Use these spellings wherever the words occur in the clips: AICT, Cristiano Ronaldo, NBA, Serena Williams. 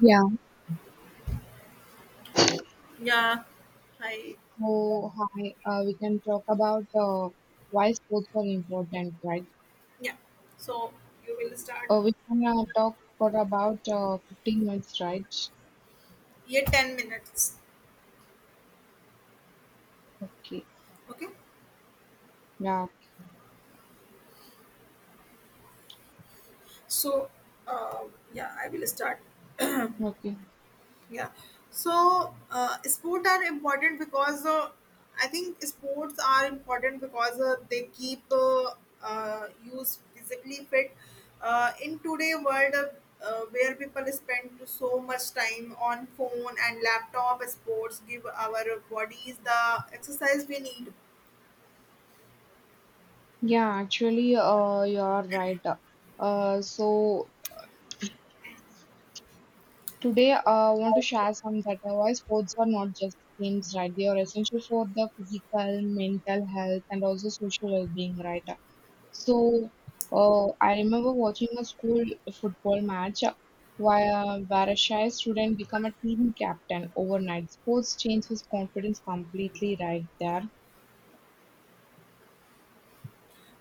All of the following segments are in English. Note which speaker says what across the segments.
Speaker 1: Yeah,
Speaker 2: Yeah, hi.
Speaker 1: so hi, we can talk about why sports are important, right?
Speaker 2: Yeah. So you will start.
Speaker 1: We can talk for about 15 minutes, right?
Speaker 2: Yeah, 10 minutes.
Speaker 1: Okay.
Speaker 2: Okay.
Speaker 1: Yeah,
Speaker 2: So uh, yeah, I will start.
Speaker 1: okay.
Speaker 2: Yeah. Sport are important because I think sports are important because they keep use physically fit. In today world where people spend so much time on phone and laptop, sports give our bodies the exercise we need.
Speaker 1: Yeah, actually, you're right. So today I want to share some that why sports are not just games, right? They are essential for the physical, mental health, and also social well-being, right? So, I remember watching a school football match where a shy student became a team captain overnight. Sports changed his confidence completely right there.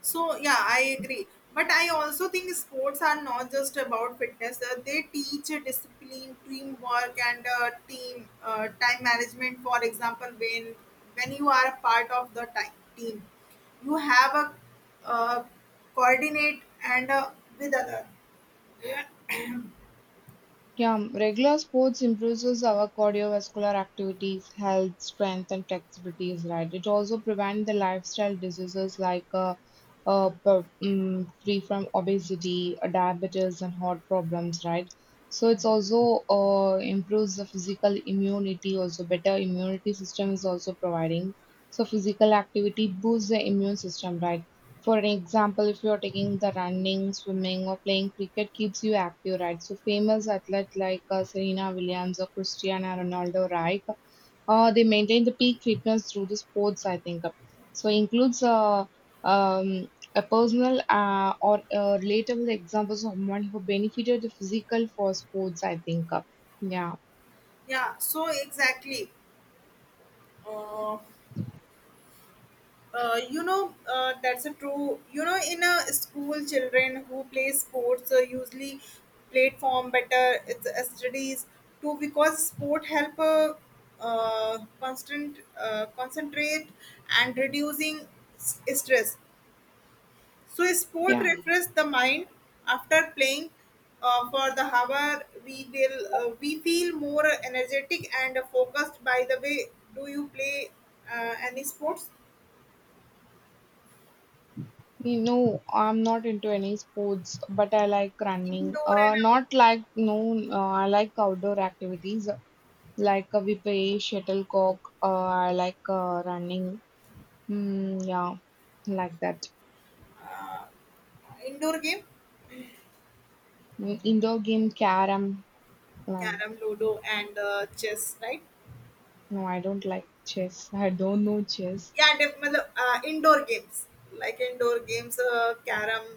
Speaker 2: So yeah, I agree. But I also think sports are not just about fitness. They teach discipline, teamwork, and team time management. For example, when you are a part of the team, you have a uh, coordinate and with other. Yeah.
Speaker 1: Yeah, regular sports improves our cardiovascular activities, health, strength, and flexibility is right. It also prevents the lifestyle diseases like free from obesity, diabetes, and heart problems, right? So it's also improves the physical immunity, also better immunity system is also providing. So physical activity boosts the immune system, right? For an example, if you're taking the running, swimming, or playing cricket, keeps you active, right? So famous athletes like Serena Williams or Cristiano Ronaldo, right? They maintain the peak fitness through the sports, I think. So includes um, a personal or relatable examples of someone who benefited the physical for sports, I think. Yeah,
Speaker 2: Yeah. So exactly. Uh, that's a true. You know, in a school, children who play sports usually platform better its studies too because sport help constant concentrate and reducing stress. So sport
Speaker 1: yeah.
Speaker 2: refresh the mind after playing. For the hour, we feel more energetic and focused. By the way, do you play any sports,
Speaker 1: You know, I'm not into any sports, but I like running.
Speaker 2: indoor and
Speaker 1: Not like no, I like outdoor activities. Like we play shuttlecock. I like running. Mm, yeah, like that.
Speaker 2: Indoor game
Speaker 1: Mm, indoor game, carom. Uh,
Speaker 2: carom ludo and chess right
Speaker 1: no, I don't like chess. I don't know chess.
Speaker 2: या मतलब indoor games carom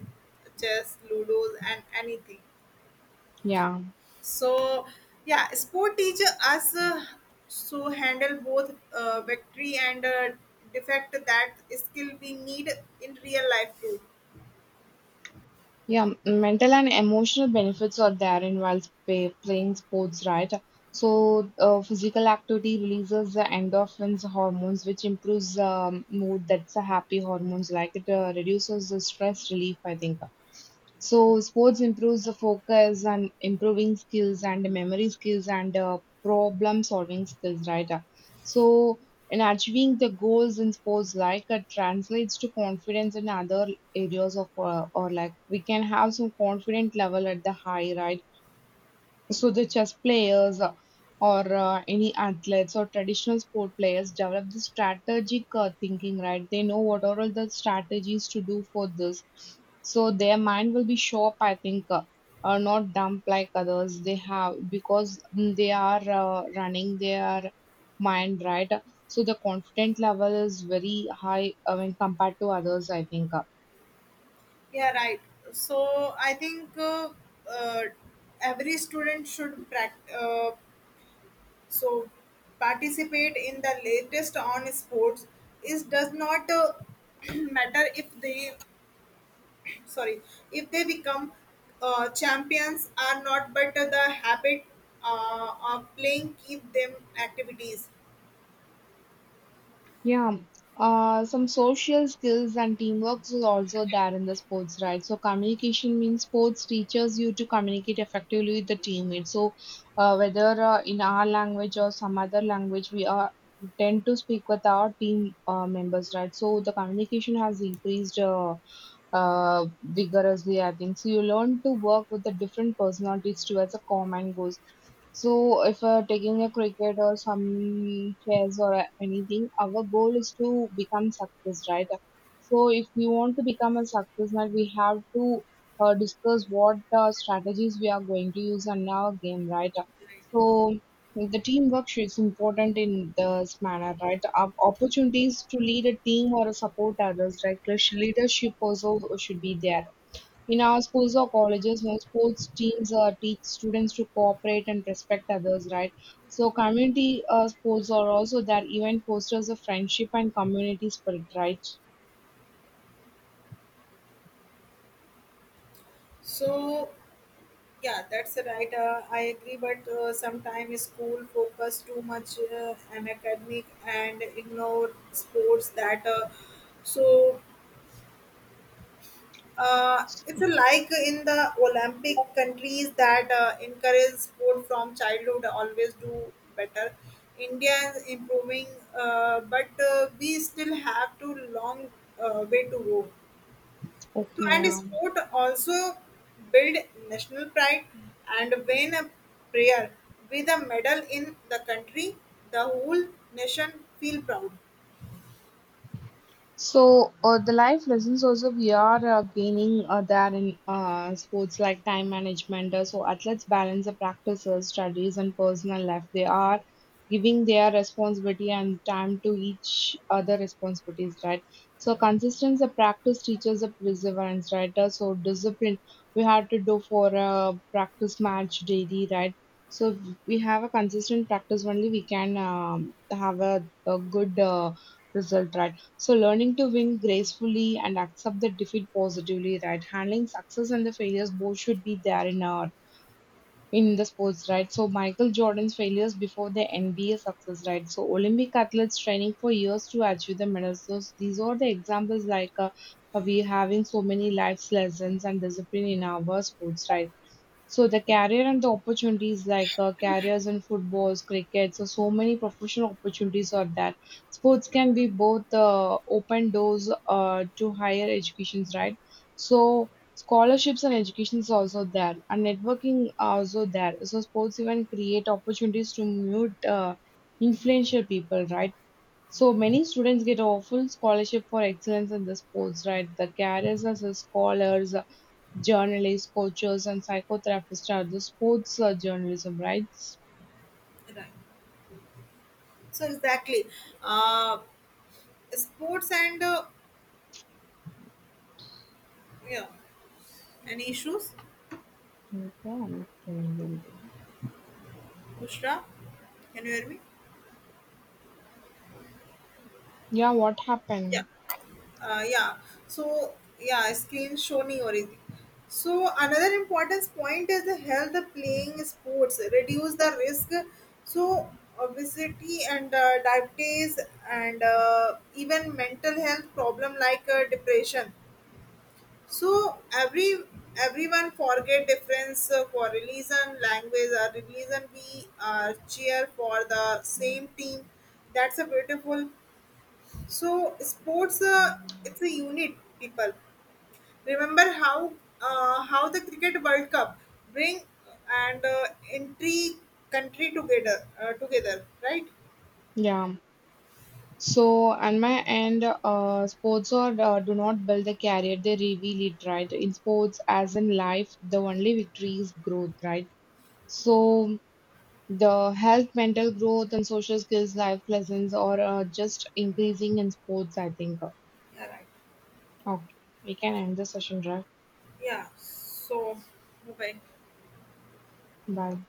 Speaker 2: chess, ludos and anything.
Speaker 1: Yeah.
Speaker 2: So yeah, sport teacher us handle both victory and defect that skill we need in real life too.
Speaker 1: Yeah, mental and emotional benefits are there in while playing sports, right? So, physical activity releases the endorphins hormones, which improves mood. That's a happy hormones. Like it reduces the stress relief, I think. So, sports improves the focus and improving skills and memory skills and problem solving skills, right? So, in achieving the goals in sports, like it translates to confidence in other areas of or like we can have some confident level at the high, right? So the chess players or any athletes or traditional sport players develop the strategic thinking, right? They know what are all the strategies to do for this. So their mind will be sharp, I think. Are not dumb like others, they have because mm, they are running their mind, right? So the confident level is very high when compared to others, I think,
Speaker 2: Yeah, right. So i think uh, uh, every student should so participate in the latest on sports is does not matter if they sorry if they become champions are not but the habit of playing keep them activities.
Speaker 1: Yeah, some social skills and teamwork is also there in the sports, right? So communication means sports teaches you to communicate effectively with the teammates. So whether in our language or some other language, we are tend to speak with our team members, right? So the communication has increased vigorously, I think. So you learn to work with the different personalities towards a common goal. So, if taking a cricket or some chess or anything, our goal is to become success, right? So, if we want to become a success, now we have to discuss what strategies we are going to use in our game, right? So, the teamwork is important in this manner, right? Opportunities to lead a team or support others, right? Leadership also should be there in our schools or colleges, no sports teams teach students to cooperate and respect others, right? So community sports are also that event fosters a friendship and community spirit, right?
Speaker 2: So yeah, that's right, I agree but sometimes school focus too much on academic and ignore sports that so if you like in the Olympic countries that encourage sport from childhood, always do better. India is improving, but we still have to long way to go.
Speaker 1: Okay,
Speaker 2: So, and
Speaker 1: yeah.
Speaker 2: sport also build national pride and win a prayer with a medal in the country, the whole nation feel proud.
Speaker 1: So the life lessons also we are gaining there in sports like time management. So athletes balance the practices, studies, and personal life. They are giving their responsibility and time to each other responsibilities, right? So consistency, the practice teaches the perseverance, right? So discipline we have to do for a practice match daily, right? So if we have a consistent practice only we can have a good result, right? So learning to win gracefully and accept the defeat positively, right? Handling success and the failures both should be there in our in the sports, right? So Michael Jordan's failures before the NBA success, right? So Olympic athletes training for years to achieve the medals. So these are the examples like we having so many life lessons and discipline in our sports, right? So the career and the opportunities like careers in footballs, cricket, so so many professional opportunities are there. Sports can be both open doors to higher educations, right? So scholarships and education is also there, and networking are also there. So sports even create opportunities to meet influential people, right? So many students get a full scholarship for excellence in the sports, right? The careers as a scholars, journalists, coaches, and psychotherapists are the sports journalism, right?
Speaker 2: Right. So exactly, uh, sports and yeah, any issues,
Speaker 1: Okay.
Speaker 2: Bushra? Can you hear me?
Speaker 1: Yeah, what
Speaker 2: Yeah,
Speaker 1: happened?
Speaker 2: yeah. So yeah, screen showing already. So another important point is the health of playing sports reduce the risk. So obesity and diabetes and even mental health problem like depression. So everyone forget difference for religion, language or religion. We cheer for the same team. That's a beautiful. So sports, it's a unit. People remember how the cricket World Cup bring and entry country together, right?
Speaker 1: Yeah. So, on my end, sports or do not build a career, they reveal it, right? In sports, as in life, the only victory is growth, right? So, the health, mental growth, and social skills, life lessons are just increasing in sports, I think.
Speaker 2: Yeah, right.
Speaker 1: Okay, we can end the session, right?
Speaker 2: Yeah. So, bye.
Speaker 1: Bye.